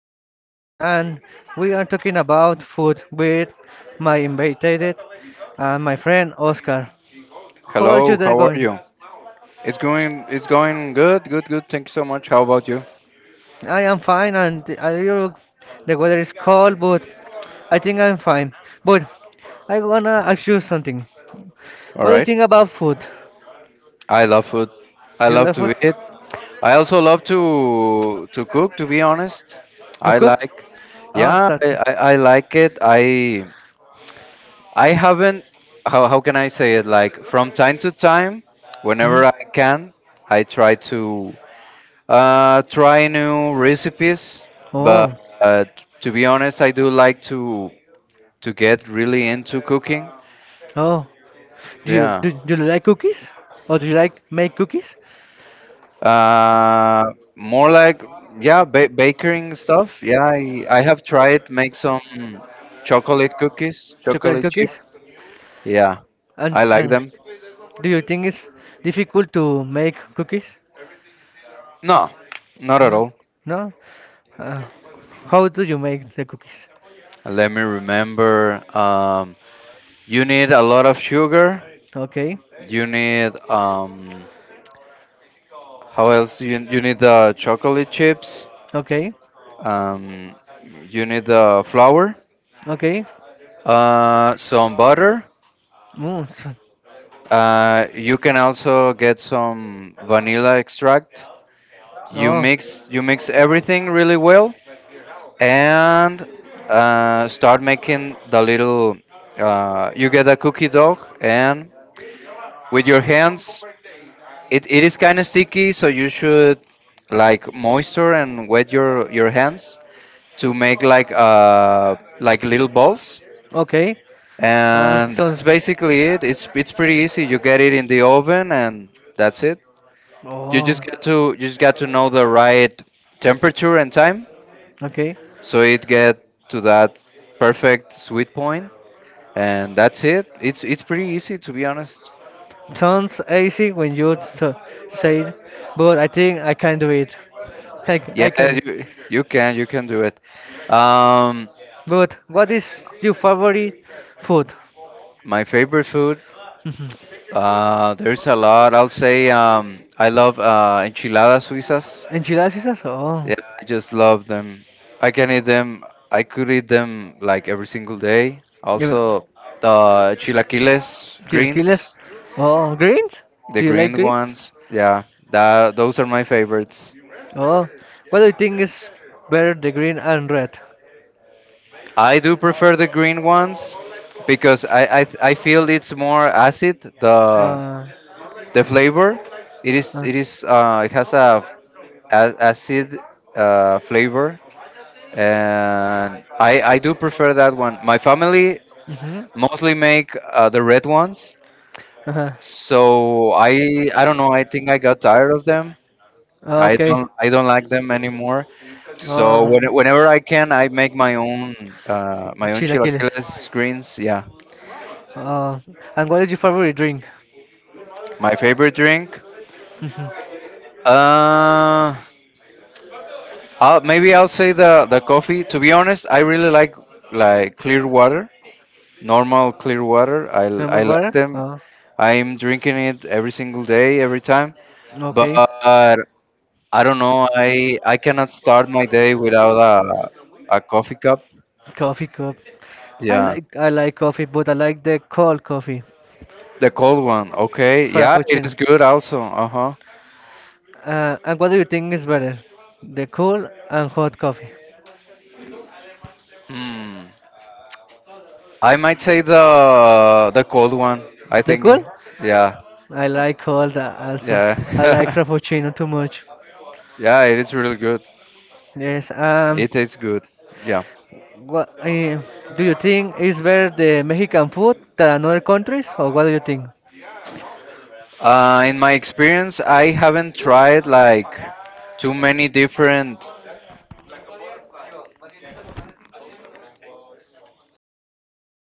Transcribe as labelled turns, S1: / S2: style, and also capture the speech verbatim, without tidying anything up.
S1: Fernando, and we are talking about food with my invited and my friend Oscar. How are you
S2: Hello,
S1: there
S2: how are
S1: going?
S2: you? It's going it's going good, good, good. Thank you so much. How about you?
S1: I am fine, and the- are you, the weather is cold, but I think I'm fine. But I wanna ask you something.
S2: All
S1: What do you
S2: right.
S1: think about food?
S2: I love food. I
S1: You
S2: love
S1: love food?
S2: to eat. I also love to to cook, to be honest.
S1: To
S2: I
S1: cook?
S2: like
S1: Oh,
S2: yeah, I,
S1: that's
S2: I, I like it. I I
S1: it.
S2: haven't how how can I say it? Like from time to time, whenever I can, I try to uh try new recipes,
S1: Oh,
S2: but
S1: wow.
S2: uh, to be honest, I do like to to get really into cooking.
S1: Oh. Do you
S2: Yeah.
S1: do, do you like cookies? Or do you like make cookies?
S2: Uh, more like yeah, ba baking stuff. Yeah, I, I have tried make some chocolate cookies,
S1: Chocolate
S2: chocolate
S1: cookies?
S2: chip. Yeah, I
S1: And
S2: like
S1: and
S2: them.
S1: do you think it's difficult to make cookies?
S2: No, not at
S1: No,
S2: all.
S1: no. Uh, how do you make the cookies?
S2: Let me remember. Um, you need a lot of sugar.
S1: Okay,
S2: You need um, how else? do You you need the chocolate chips.
S1: okay,
S2: Um, you need the flour.
S1: okay.
S2: Uh, some butter.
S1: Mm, so
S2: Uh, you can also get some vanilla extract. You
S1: Oh,
S2: mix you mix everything really well and uh, start making the little. Uh, you get a cookie dough and with your hands, it, it is kind of sticky, so you should like moisture and wet your your hands to make like uh like little balls.
S1: okay. Um,
S2: And
S1: so.
S2: that's basically it. It's it's pretty easy. You get it in the oven and that's it. You
S1: Oh.
S2: just get to you just got to know the right temperature and time,
S1: Okay.
S2: so it get to that perfect sweet point, and that's it. It's it's pretty easy to be honest.
S1: Sounds easy when you t- say it, but I think I can do it. I, c-
S2: Yeah,
S1: I can.
S2: you you can you can do it. Um,
S1: But what is your favorite food?
S2: my favorite food.
S1: Mhm.
S2: Uh, there's a lot. I'll say um, I love uh, enchiladas suizas.
S1: Enchiladas esas? Oh.
S2: Yeah, I just love them. I can eat them. I could eat them like every single day.
S1: You,
S2: Also, the chilaquiles
S1: chilaquiles?
S2: greens.
S1: Oh, greens?
S2: The
S1: Do you like
S2: green
S1: greens?
S2: ones, yeah, that those are my favorites.
S1: Oh. What do you think is better, the green and red?
S2: I do prefer the green ones because I I, I feel it's more acid the
S1: Uh,
S2: the flavor. It is
S1: uh,
S2: it is uh, it has a, a- acid uh, flavor and I I do
S1: huh,
S2: prefer that one. My family mostly make uh, the red ones, so I I don't know. I think I got tired of them. I
S1: okay.
S2: don't I don't like them anymore. So
S1: Oh,
S2: when, whenever I can, I make my own uh,
S1: when
S2: my
S1: it
S2: own
S1: chilaquiles.
S2: chilaquiles greens. Yeah,
S1: Oh, and what is your favorite drink?
S2: my favorite drink.
S1: Normal.
S2: Uh, I'll, maybe I'll say the the coffee. To be honest, I really like like clear water, normal clear water. I
S1: Normal
S2: I like
S1: water?
S2: them.
S1: Oh,
S2: I'm drinking it every single day, every time. But
S1: okay,
S2: I don't know. I I cannot start my day without a a coffee cup.
S1: coffee cup. I
S2: Yeah,
S1: like I like coffee, but I like the cold coffee,
S2: the cold one. Okay. Yeah, it
S1: frappuccino.
S2: is good also. Uh huh.
S1: Uh, and what do you think is better, the cool and hot coffee?
S2: Hmm. I might say the the cold one. I
S1: The
S2: think,
S1: cool?
S2: yeah,
S1: I like cold uh, also. I like
S2: yeah,
S1: frappuccino too much.
S2: yeah. It is really good.
S1: Yes. Um.
S2: It tastes good. Yeah.
S1: What uh, do you think is better the Mexican food than other countries, or what do you think?
S2: Uh, in my experience, I haven't tried like too many different